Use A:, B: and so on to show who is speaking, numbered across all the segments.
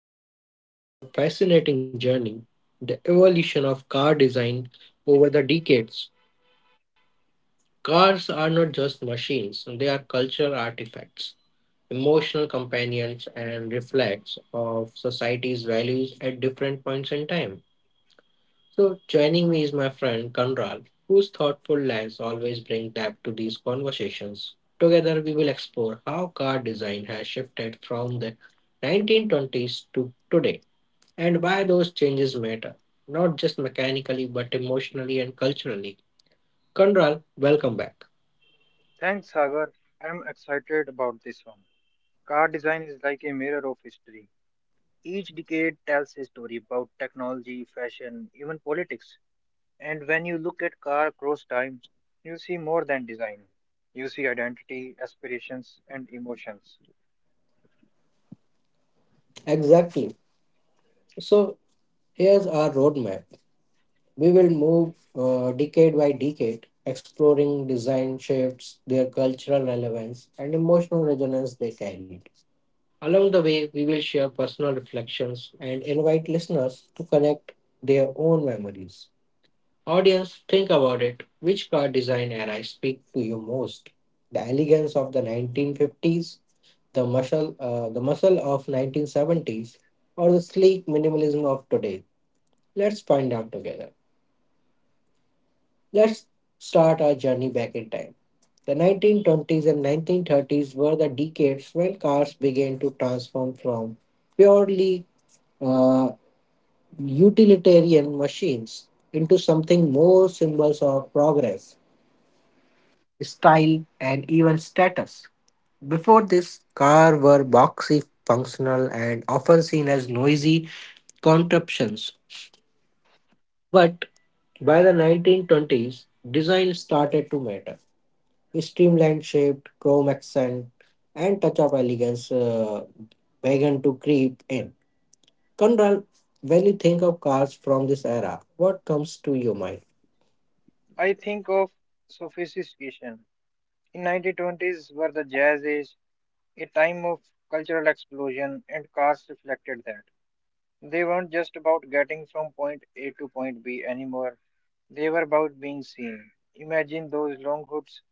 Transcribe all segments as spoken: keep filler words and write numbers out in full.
A: today we are diving into a fascinating journey, the evolution of car design over the decades. Cars are not just machines, they are cultural artifacts, emotional companions, and reflects of society's values at different points in time. So, joining me is my friend Kanral, whose thoughtful lens always bring depth to these conversations. Together, we will explore how car design has shifted from the nineteen twenties to today, and why those changes matter, not just mechanically but emotionally and culturally. Kanral, welcome back.
B: Thanks, Sagar. I'm excited about this one. Car design is like a mirror of history. Each decade tells a story about technology, fashion, even politics. And when you look at car across time, you see more than design. You see identity, aspirations, and emotions.
A: Exactly. So, here's our roadmap. We will move uh, decade by decade, exploring design shifts, their cultural relevance, and emotional resonance they carry. Along the way, we will share personal reflections and invite listeners to connect their own memories. Audience, think about it. Which car design era speak to you most? The elegance of the nineteen fifties, the muscle, uh, the muscle of nineteen seventies, or the sleek minimalism of today? Let's find out together. Let's start our journey back in time. The nineteen twenties and nineteen thirties were the decades when cars began to transform from purely uh, utilitarian machines into something more, symbols of progress, style, and even status. Before this, cars were boxy, functional, and often seen as noisy contraptions. But by the nineteen twenties, design started to matter. Streamlined shape, chrome accent, and touch of elegance uh, began to creep in. Conrad, when you think of cars from this era, what comes to your mind?
B: I think of sophistication. In nineteen twenties were the jazz age, a time of cultural explosion, and cars reflected that. They weren't just about getting from point A to point B anymore. They were about being seen. Imagine those long hoods,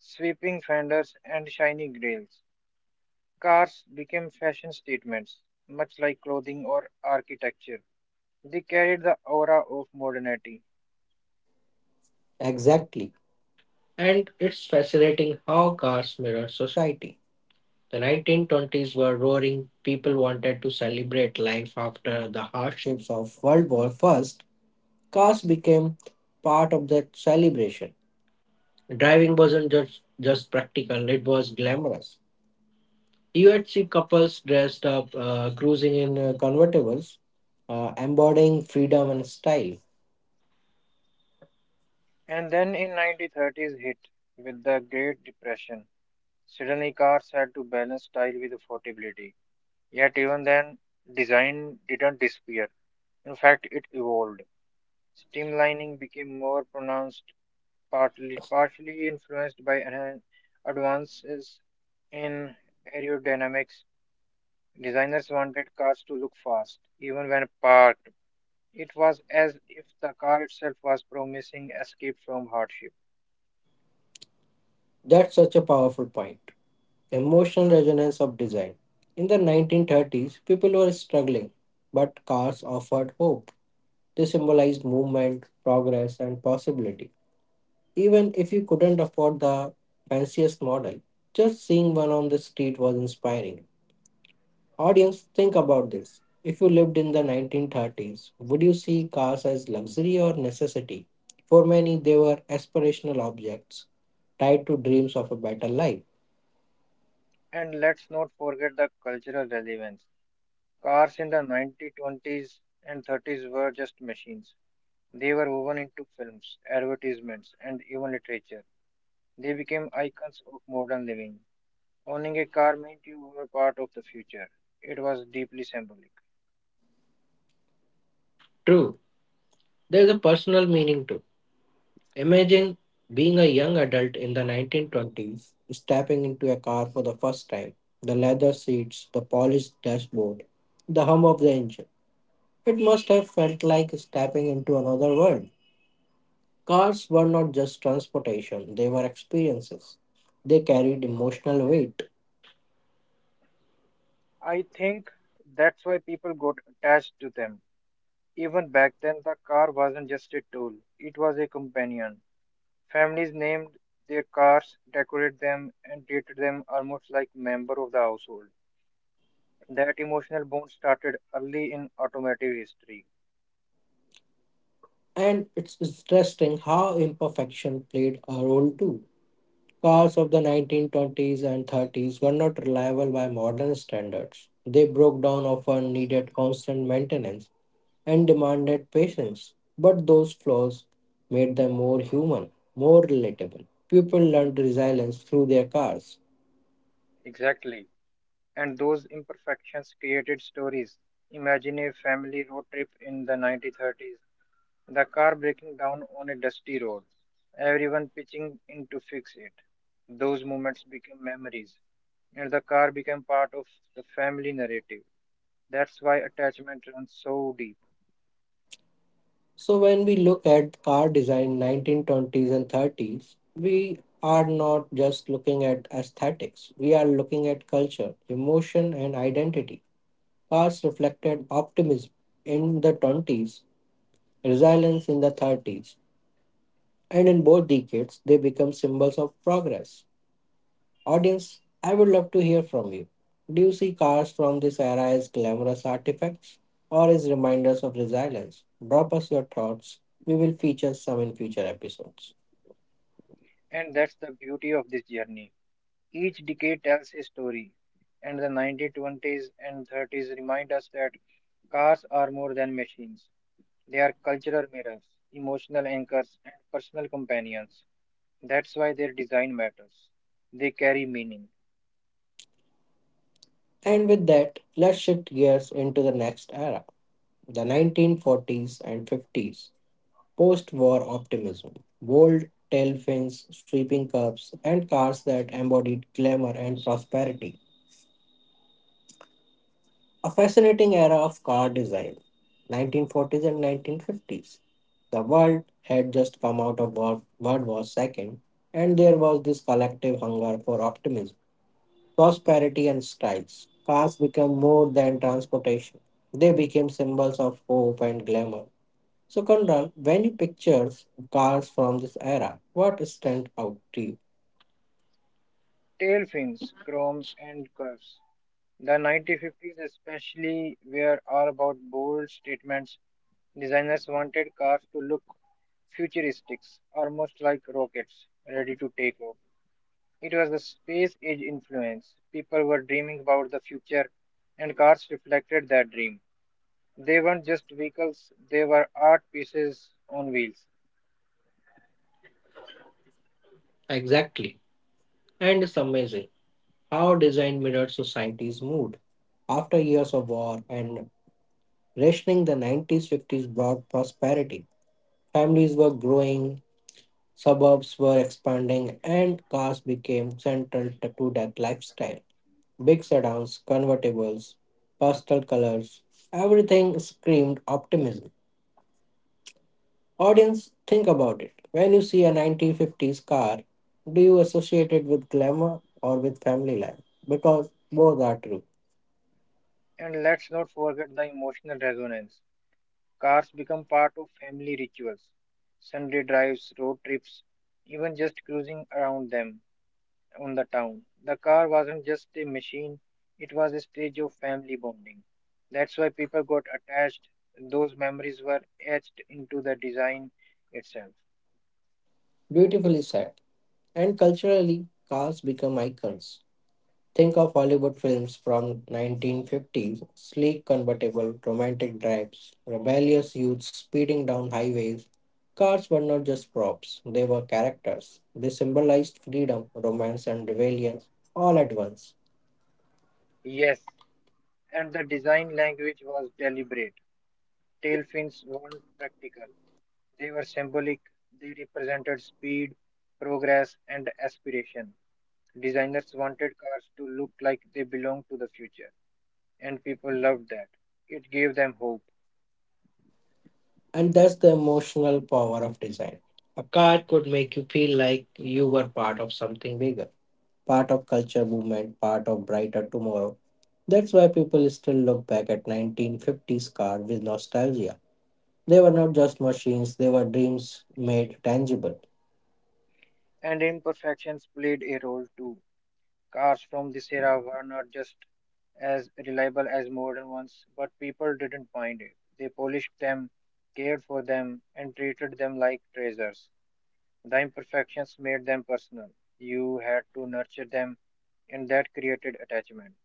B: sweeping fenders, and shiny grills. Cars became fashion statements, much like clothing or architecture. They carried the aura of modernity.
A: Exactly. And it's fascinating how cars mirror society. The nineteen twenties were roaring, people wanted to celebrate life after the hardships of World War First, cars became part of that celebration. Driving wasn't just just practical, it was glamorous. You would see couples dressed up, uh, cruising in In uh, convertibles, uh, embodying freedom and style.
B: And then in nineteen thirties hit with the Great Depression. Suddenly cars had to balance style with affordability. Yet even then, design didn't disappear. In fact, it evolved. Streamlining became more pronounced, partly partially influenced by an- advances in aerodynamics. Designers wanted cars to look fast, even when parked. It was as if the car itself was promising escape from hardship.
A: That's such a powerful point. Emotional resonance of design. In the nineteen thirties, people were struggling, but cars offered hope. They symbolized movement, progress, and possibility. Even if you couldn't afford the fanciest model, just seeing one on the street was inspiring. Audience, think about this. If you lived in the nineteen thirties, would you see cars as luxury or necessity? For many, they were aspirational objects tied to dreams of a better life.
B: And let's not forget the cultural relevance. Cars in the nineteen twenties and thirties were just machines. They were woven into films, advertisements, and even literature. They became icons of modern living. Owning a car meant you were part of the future. It was deeply symbolic.
A: True, there's a personal meaning too. Imagine being a young adult in the nineteen twenties, stepping into a car for the first time. The leather seats, the polished dashboard, the hum of the engine. It must have felt like stepping into another world. Cars were not just transportation, they were experiences. They carried emotional weight.
B: I think that's why people got attached to them. Even back then, the car wasn't just a tool, it was a companion. Families named their cars, decorated them, and treated them almost like members of the household. That emotional bond started early in automotive history.
A: And it's interesting how imperfection played a role too. Cars of the nineteen twenties and thirties were not reliable by modern standards. They broke down often, needed constant maintenance, and demanded patience. But those flaws made them more human, more relatable. People learned resilience through their cars.
B: Exactly. And those imperfections created stories. Imagine a family road trip in the nineteen thirties. The car breaking down on a dusty road, everyone pitching in to fix it. Those moments became memories, and the car became part of the family narrative. That's why attachment runs so deep,
A: So when we look at car design in nineteen twenties and thirties, we are not just looking at aesthetics. We are looking at culture, emotion, and identity. Cars reflected optimism in the twenties, resilience in the thirties, and in both decades they become symbols of progress. Audience, I would love to hear from you. Do you see cars from this era as glamorous artifacts or as reminders of resilience? Drop us your thoughts. We will feature some in future episodes.
B: and that's the beauty of this journey. Each decade tells a story, and the nineteen twenties and thirties remind us that cars are more than machines. They are cultural mirrors, emotional anchors, and personal companions. That's why their design matters. They carry meaning.
A: And with that, let's shift gears into the next era, the nineteen forties and fifties. Post war optimism, bold tail fins, sweeping curves, and cars that embodied glamour and prosperity. A fascinating era of car design, nineteen forties and nineteen fifties. The world had just come out of World World War two, and there was this collective hunger for optimism, prosperity, and styles. Cars became more than transportation, they became symbols of hope and glamour. So, Kundan, when you pictures cars from this era, what stand out to you?
B: Tail fins, chrome, and curves. The nineteen fifties, especially, were all about bold statements. Designers wanted cars to look futuristic, almost like rockets ready to take off. It was the space age influence. People were dreaming about the future, and cars reflected that dream. They weren't just vehicles, they were art pieces on wheels.
A: Exactly. And it's amazing how design mirrored society's mood. After years of war and rationing, the nineties fifties brought prosperity. Families were growing, suburbs were expanding, and cars became central t- to that lifestyle. Big sedans, convertibles, pastel colors, everything screamed optimism. Audience, think about it. When you see a nineteen fifties car, do you associate it with glamour or with family life? Because both are true.
B: And let's not forget the emotional resonance. Cars become part of family rituals, Sunday drives, road trips, even just cruising around them on the town. The car wasn't just a machine, it was a stage of family bonding. That's why people got attached. Those memories were etched into the design itself.
A: Beautifully said. And culturally, cars become icons. Think of Hollywood films from nineteen fifties, sleek convertible, romantic drives, rebellious youths speeding down highways. Cars were not just props, they were characters. They symbolized freedom, romance and rebellion all at once.
B: Yes, and the design language was deliberate. Tail fins weren't practical, they were symbolic, they represented speed, progress, and aspiration. Designers wanted cars to look like they belonged to the future, and people loved that. It gave them hope,
A: And that's the emotional power of design. A card could make you feel like you were part of something bigger, part of culture movement, part of brighter tomorrow. That's why people still look back at nineteen fifties car with nostalgia. They were not just machines, they were dreams made tangible.
B: and imperfections played a role too. Cars from this era were not just as reliable as modern ones, but people didn't mind it. They polished them, cared for them, and treated them like treasures. The imperfections made them personal. You had to nurture them, and that created attachment.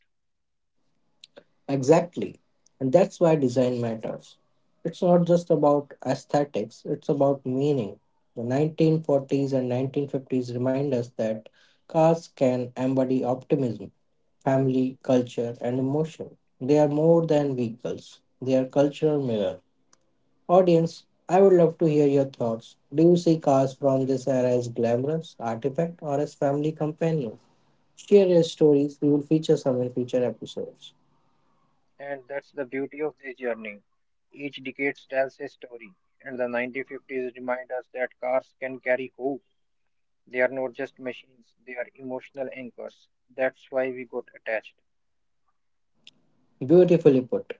A: Exactly. And that's why design matters. It's not just about aesthetics, it's about meaning. The nineteen forties and nineteen fifties remind us that cars can embody optimism, family, culture, and emotion. They are more than vehicles, they are cultural mirror. Audience, I would love to hear your thoughts. Do you see cars from this era as glamorous artifact or as family companion? Share your stories, we will feature some in future episodes.
B: And that's the beauty of this journey. Each decade tells a story, and the nineteen fifties remind us that cars can carry hope. They are not just machines, they are emotional anchors. That's why we got attached.
A: Beautifully put.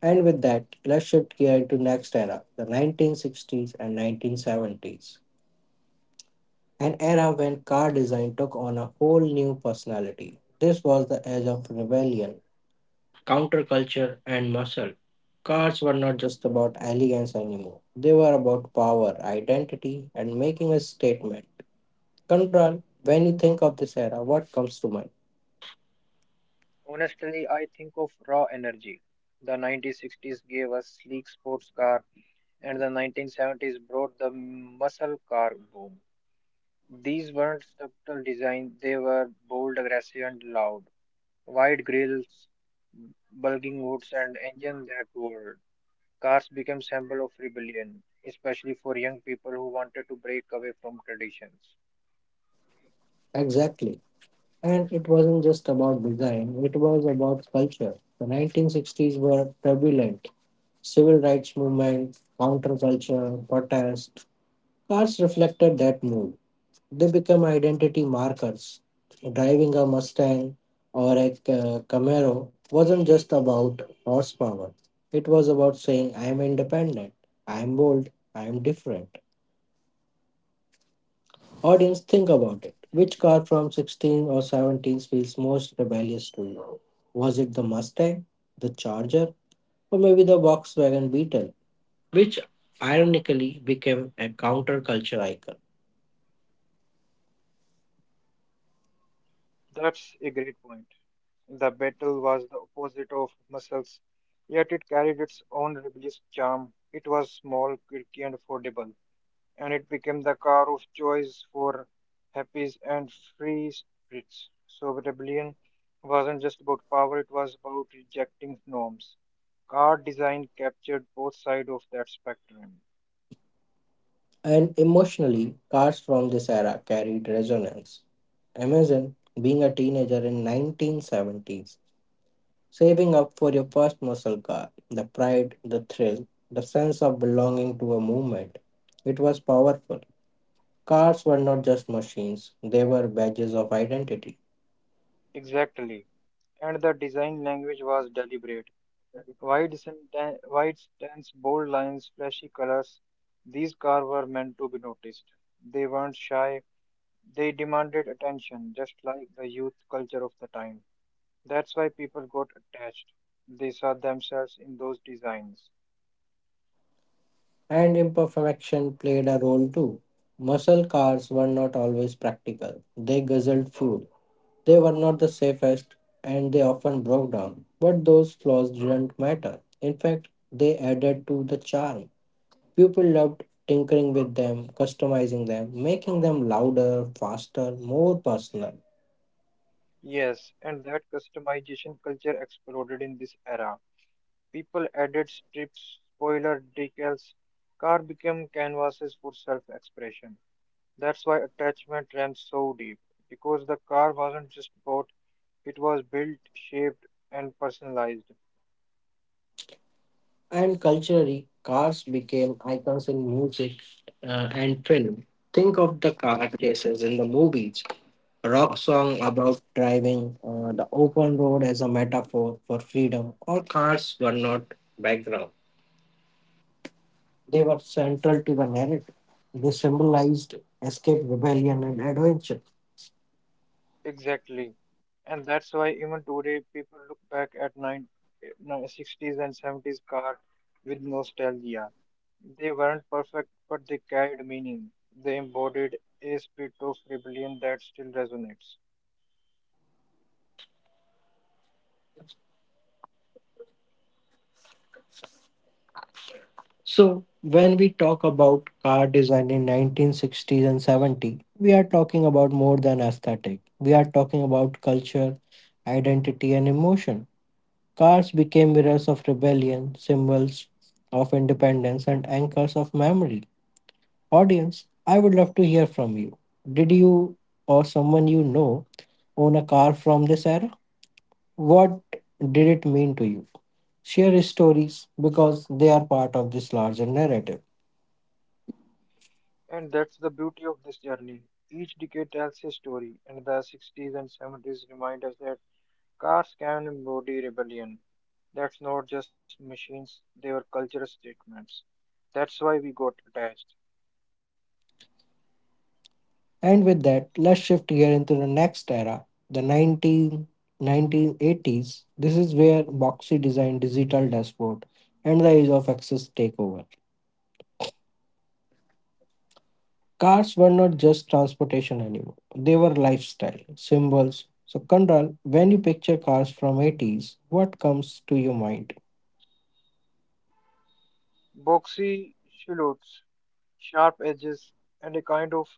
A: And with that, let's shift gear to next era, the nineteen sixties and nineteen seventies. An era when car design took on a whole new personality. This was the age of rebellion, counterculture, and muscle. Cars were not just about elegance anymore, they were about power, identity, and making a statement. Conrad, when you think of this era, what comes to mind?
B: Honestly, I think of raw energy. The nineteen sixties gave us sleek sports car, and the nineteen seventies brought the muscle car boom. These weren't subtle design, they were bold, aggressive, and loud. Wide grills, bulging hoods, and engines that roared. Cars became symbol of rebellion, especially for young people who wanted to break away from traditions.
A: Exactly. And it wasn't just about design, it was about culture. The nineteen sixties were turbulent. Civil rights movement, counterculture, protest. Cars reflected that mood. They become identity markers. Driving a Mustang or a Ca- Camaro wasn't just about horsepower, it was about saying, I am independent, I am bold, I am different. Audience, think about it. Which car from sixteen or seventeen feels most rebellious to you? Was it the Mustang, the Charger, or maybe the Volkswagen Beetle, which ironically became a counterculture icon?
B: That's a great point. The battle was the opposite of muscles, yet it carried its own rebellious charm. It was small, quirky, and affordable, and it became the car of choice for happy and free spirits. So rebellion wasn't just about power, it was about rejecting norms. Car design captured both sides of that spectrum.
A: And emotionally, cars from this era carried resonance. Imagine being a teenager in nineteen seventies, saving up for your first muscle car. The pride, the thrill, the sense of belonging to a movement. It was powerful. Cars were not just machines, they were badges of identity.
B: Exactly. And the design language was deliberate. Wide, senten- wide stance, bold lines, flashy colors. These cars were meant to be noticed. They weren't shy. They demanded attention, just like the youth culture of the time. That's why people got attached. They saw themselves in those designs.
A: And imperfection played a role too. Muscle cars were not always practical. They guzzled fuel. They were not the safest, and they often broke down. But those flaws didn't matter. In fact, they added to the charm. People loved tinkering with them, customizing them, making them louder, faster, more personal.
B: Yes, and that customization culture exploded in this era. People added strips, spoiler decals, car became canvases for self-expression. That's why attachment ran so deep, because the car wasn't just bought, it was built, shaped, and personalized.
A: And culturally, cars became icons in music uh, and film. Think of the car chases in the movies, a rock song about driving, uh, the open road as a metaphor for freedom. All cars were not background, they were central to the narrative. They symbolized escape, rebellion, and adventure.
B: Exactly. And that's why even today people look back at 9, eh, sixties and seventies car with nostalgia. They weren't perfect, but they carried meaning. They embodied a spirit of rebellion that still resonates.
A: So, when we talk about car design in nineteen sixties and seventies, we are talking about more than aesthetic. We are talking about culture, identity, and emotion. Cars became mirrors of rebellion, symbols of independence, and anchors of memory. Audience, I would love to hear from you. Did you or someone you know own a car from this era? What did it mean to you? Share stories because they are part of this larger narrative.
B: And that's the beauty of this journey. Each decade tells a story, and the sixties and seventies remind us that cars can embody rebellion. That's not just machines, they were cultural statements. That's why we got attached.
A: And with that, let's shift gear into the next era, the nineteen nineteen eighties. This is where boxy design, digital dashboard, and the age of access take over. Cars were not just transportation anymore. They were lifestyle, symbols. So Kandral, when you picture cars from eighties, what comes to your mind?
B: Boxy silhouettes, sharp edges, and a kind of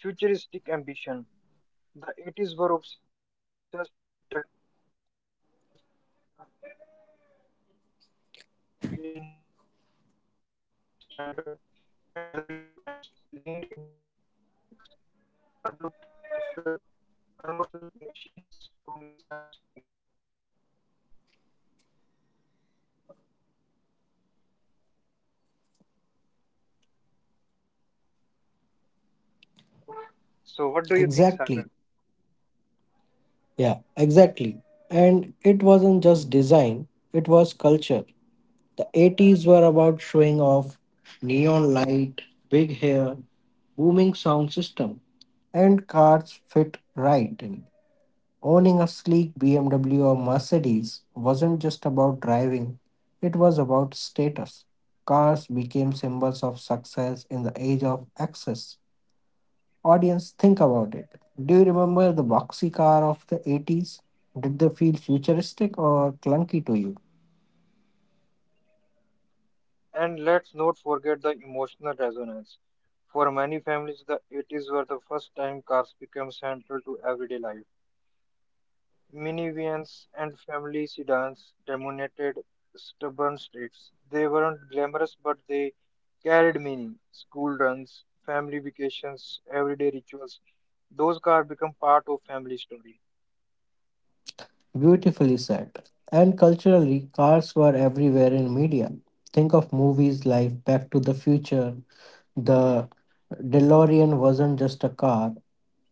B: futuristic ambition. The eighties were obsessed with technology, and cars reflected that. Digital displays started appearing, cassettes player became standard, and luxury brands leaned into electronics. Car looked angular, almost like machines from a science fiction movie. So, what do you think, Sagar?
A: Exactly. Yeah, exactly. And it wasn't just design, it was culture. The eighties were about showing off neon light, big hair, booming sound system, and cars fit right in. Owning a sleek B M W or Mercedes wasn't just about driving, it was about status. Cars became symbols of success in the age of access. Audience, think about it. Do you remember the boxy car of the eighties? Did they feel futuristic or clunky to you?
B: And let's not forget the emotional resonance. For many families, the eighties were the first time cars became central to everyday life. Minivans and family sedans dominated suburban streets. They weren't glamorous, but they carried meaning. School runs, family vacations, everyday rituals. Those cars become part of family story.
A: Beautifully said. And culturally, cars were everywhere in media. Think of movies like Back to the Future. The DeLorean wasn't just a car,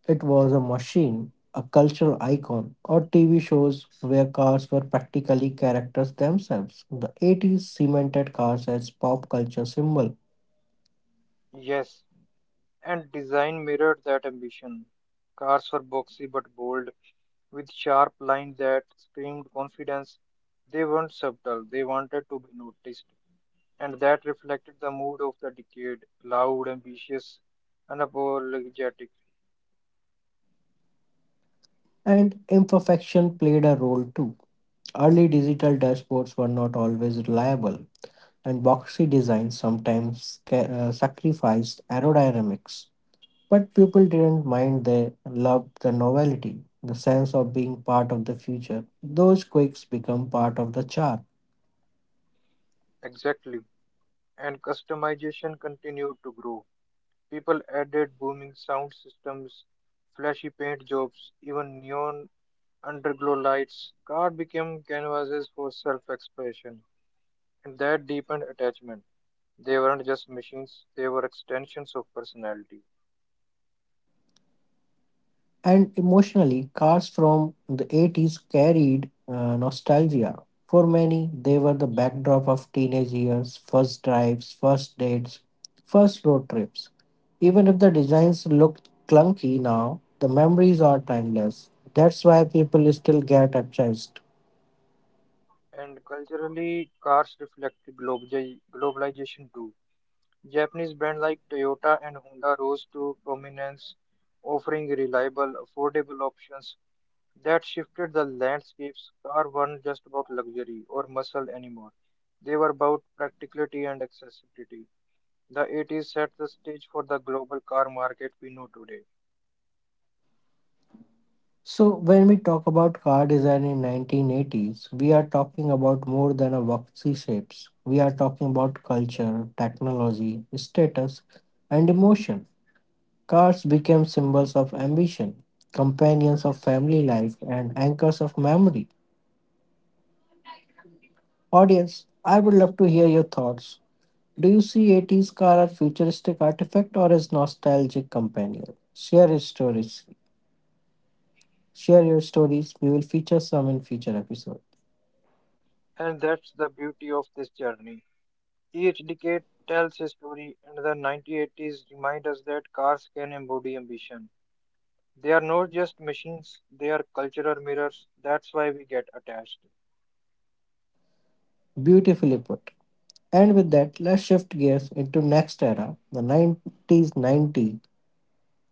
A: it was a machine, a cultural icon, or T V shows where cars were practically characters themselves. The eighties cemented cars as pop culture symbol.
B: Yes, and design mirrored that ambition. Cars were boxy but bold, with sharp lines that screamed confidence. They weren't subtle, they wanted to be noticed, and that reflected the mood of the decade: loud, ambitious, unapologetic.
A: And imperfection played a role too. Early digital dashboards were not always reliable, and boxy design sometimes ca- uh, sacrificed aerodynamics. But people didn't mind, they loved the novelty, the sense of being part of the future. Those quakes become part of the chart.
B: Exactly. And customization continued to grow. People added booming sound systems, flashy paint jobs, even neon underglow lights. Cars became canvases for self expression, and that deepened attachment. They weren't just machines, they were extensions of personality.
A: And emotionally, cars from the eighties carried uh, nostalgia. For many, they were the backdrop of teenage years, first drives, first dates, first road trips. Even if the designs look clunky now, the memories are timeless. That's why people still get attached.
B: And culturally, cars reflect the globali- globalization too. Japanese brands like Toyota and Honda rose to prominence, offering reliable, affordable options that shifted the landscapes. Cars weren't just about luxury or muscle anymore. They were about practicality and accessibility. The eighties set the stage for the global car market we know today.
A: So when we talk about car design in nineteen eighties, we are talking about more than a boxy shapes. We are talking about culture, technology, status, and emotion. Cars became symbols of ambition, companions of family life, and anchors of memory. Audience, I would love to hear your thoughts. Do you see eighties car as futuristic artifact or as nostalgic companion? Share your stories. Share your stories. We will feature some in future episode.
B: And that's the beauty of this journey. Each decade tells a story, and the nineteen eighties remind us that cars can embody ambition. They are not just machines, they are cultural mirrors. That's why we get attached.
A: Beautifully put. And with that, let's shift gears into next era, the nineties ninety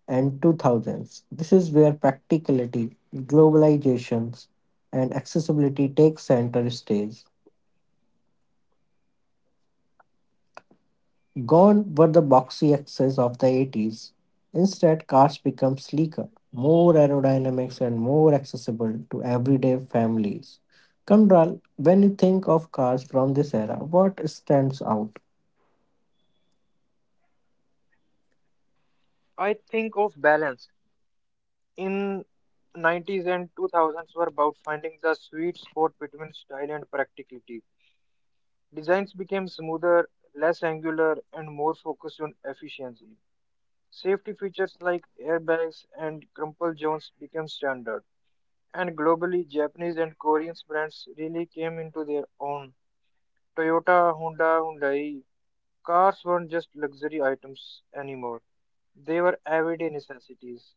A: and two thousands. This is where practicality, globalizations, and accessibility take center stage. Gone were the boxy excess of the eighties. Instead, cars become sleeker, more aerodynamics, and more accessible to everyday families. Kandral, when you think of cars from this era, what stands out?
B: I think of balance. In nineties and two thousands were about finding the sweet spot between style and practicality. Designs became smoother, less angular, and more focused on efficiency. Safety features like airbags and crumple zones became standard. And globally, Japanese and Korean brands really came into their own. Toyota, Honda, Hyundai, cars weren't just luxury items anymore. They were everyday necessities.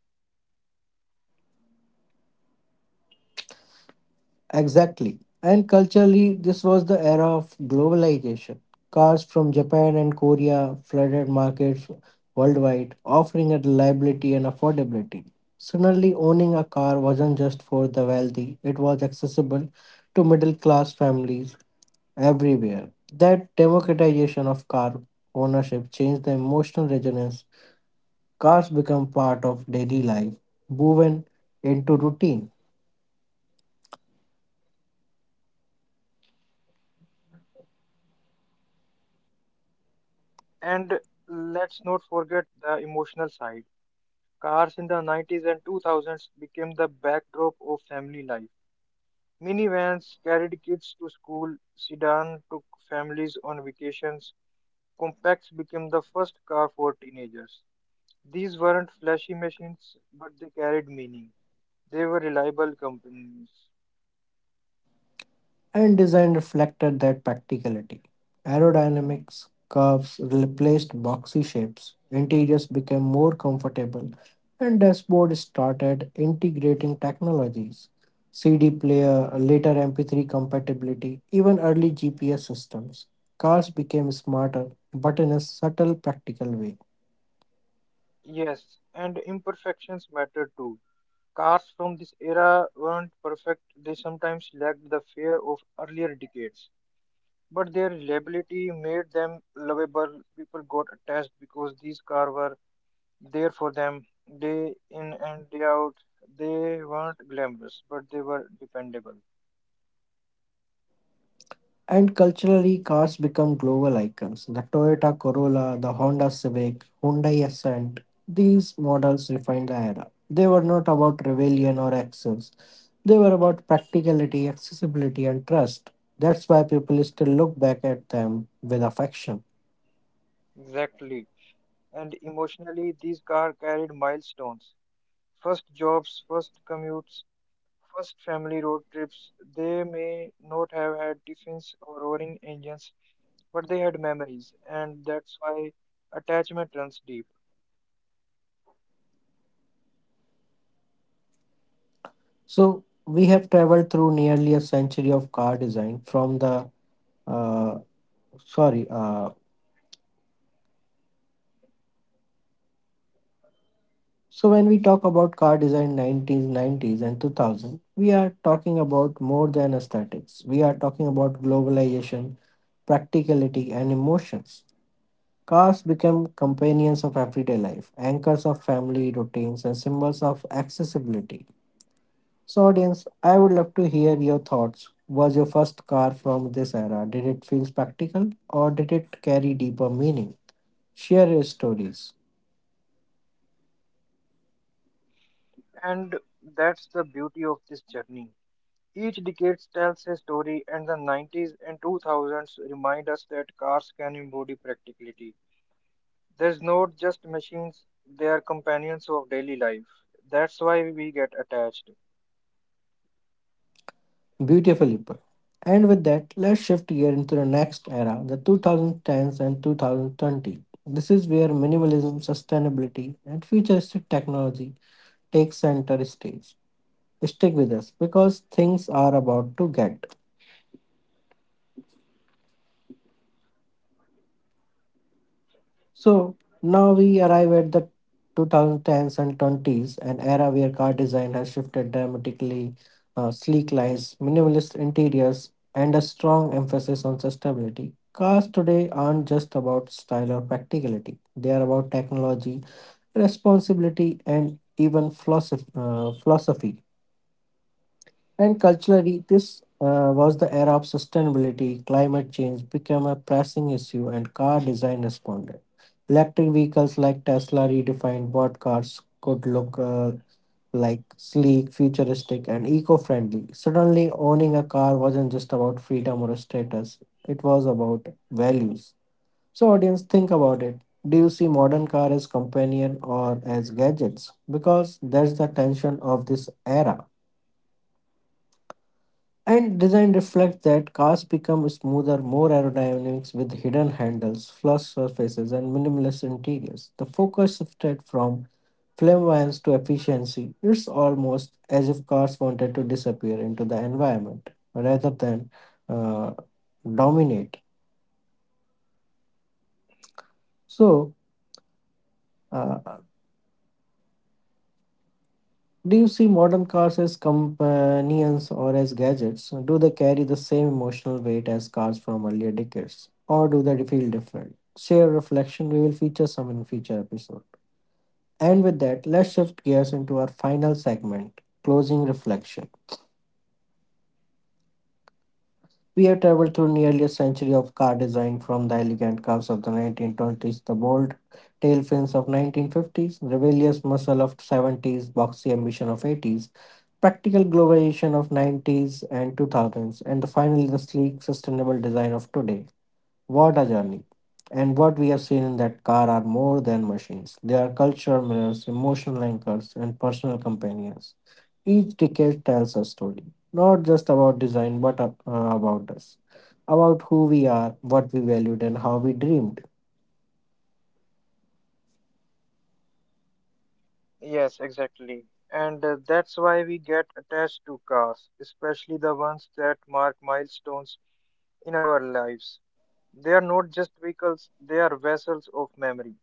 A: Exactly. And culturally, this was the era of globalization. Cars from Japan and Korea flooded markets worldwide, offering a reliability and affordability. Suddenly, owning a car wasn't just for the wealthy, it was accessible to middle class families everywhere. That democratization of car ownership changed the emotional resonance. Cars become part of daily life, woven into routine.
B: And let's not forget the emotional side. Cars in the nineties and two thousands became the backdrop of family life. Minivans carried kids to school, sedan took families on vacations, compacts became the first car for teenagers. These weren't flashy machines, but they carried meaning. They were reliable companies.
A: And design reflected that practicality. Aerodynamics curves replaced boxy shapes, interiors became more comfortable, and dashboard started integrating technologies. C D player, later M P three compatibility, even early G P S systems. Cars became smarter, but in a subtle, practical way.
B: Yes, and imperfections mattered too. Cars from this era weren't perfect, they sometimes lacked the fare of earlier decades. But their reliability made them lovable. People got attached because these cars were there for them day in and day out. They weren't glamorous, but they were dependable.
A: And culturally, cars become global icons. The Toyota Corolla, the Honda Civic, Hyundai Ascent, these models refined the era. They were not about rebellion or excess, they were about practicality, accessibility, and trust. That's why people still look back at them with affection.
B: Exactly. And emotionally, these cars carried milestones. First jobs, first commutes, first family road trips. They may not have had tiffins or roaring engines, but they had memories, and that's why attachment runs deep.
A: So, we have traveled through nearly a century of car design from the uh, sorry, uh, So when we talk about car design nineties, nineties and two thousand, we are talking about more than aesthetics. We are talking about globalization, practicality and emotions. Cars become companions of everyday life, anchors of family routines and symbols of accessibility. So audience, I would love to hear your thoughts. Was your first car from this era? Did it feel practical or did it carry deeper meaning? Share your stories.
B: And that's the beauty of this journey. Each decade tells a story, and the nineties and two thousands remind us that cars can embody practicality. There's not just machines, they are companions of daily life. That's why we get attached.
A: Beautifully put. And with that, let's shift gear into the next era, the twenty tens and two thousand twenty. This is where minimalism, sustainability, and futuristic technology take center stage. Stick with us because things are about to get. So now we arrive at the twenty tens and twenties, an era where car design has shifted dramatically. Uh, sleek lines, minimalist interiors, and a strong emphasis on sustainability. Cars today aren't just about style or practicality, they are about technology, responsibility, and even philosoph- uh, philosophy. And culturally, this uh, was the era of sustainability. Climate change became a pressing issue, and car design responded. Electric vehicles like Tesla redefined what cars could look uh, like sleek, futuristic, and eco friendly. Suddenly, owning a car wasn't just about freedom or status, it was about values. So, audience, think about it. Do you see modern car as companion or as gadgets? Because that's the tension of this era. And design reflects that cars become smoother, more aerodynamics with hidden handles, flush surfaces, and minimalist interiors. The focus shifted from flamboyance to efficiency. It's almost as if cars wanted to disappear into the environment rather than uh, dominate. So, uh, Do you see modern cars as companions or as gadgets? Do they carry the same emotional weight as cars from earlier decades? Or do they feel different? Share reflection, we will feature some in future episode. And with that, let's shift gears into our final segment, closing reflection. We have traveled through nearly a century of car design from the elegant curves of the nineteen twenties, the bold tail fins of nineteen fifties, rebellious muscle of seventies, boxy ambition of eighties, practical globalization of nineties and two thousands and the finally the sleek sustainable design of today. What a journey. And what we have seen in that car are more than machines, they are cultural mirrors, emotional anchors and personal companions. Each decade tells a story, not just about design but uh, about us, about who we are, what we valued and how we dreamed.
B: Yes, exactly. And uh, that's why we get attached to cars, especially the ones that mark milestones in our lives. They are not just vehicles, they are vessels of memory.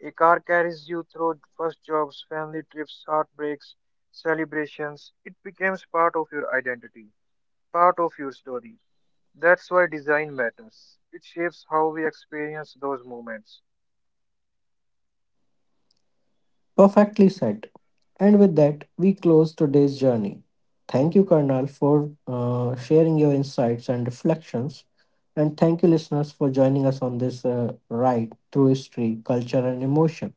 B: A car carries you through first jobs, family trips, heartbreaks, celebrations. It becomes part of your identity, part of your story. That's why design matters. It shapes how we experience those moments.
A: Perfectly said. And with that, we close today's journey. Thank you, Karnal, for uh, sharing your insights and reflections. And thank you, listeners, for joining us on this uh, ride through history, culture, and emotion.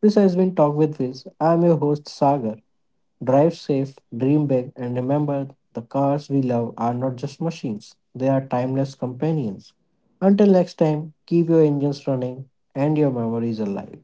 A: This has been Talk with Viz. I'm your host, Sagar. Drive safe, dream big, and remember the cars we love are not just machines, they are timeless companions. Until next time, keep your engines running and your memories alive.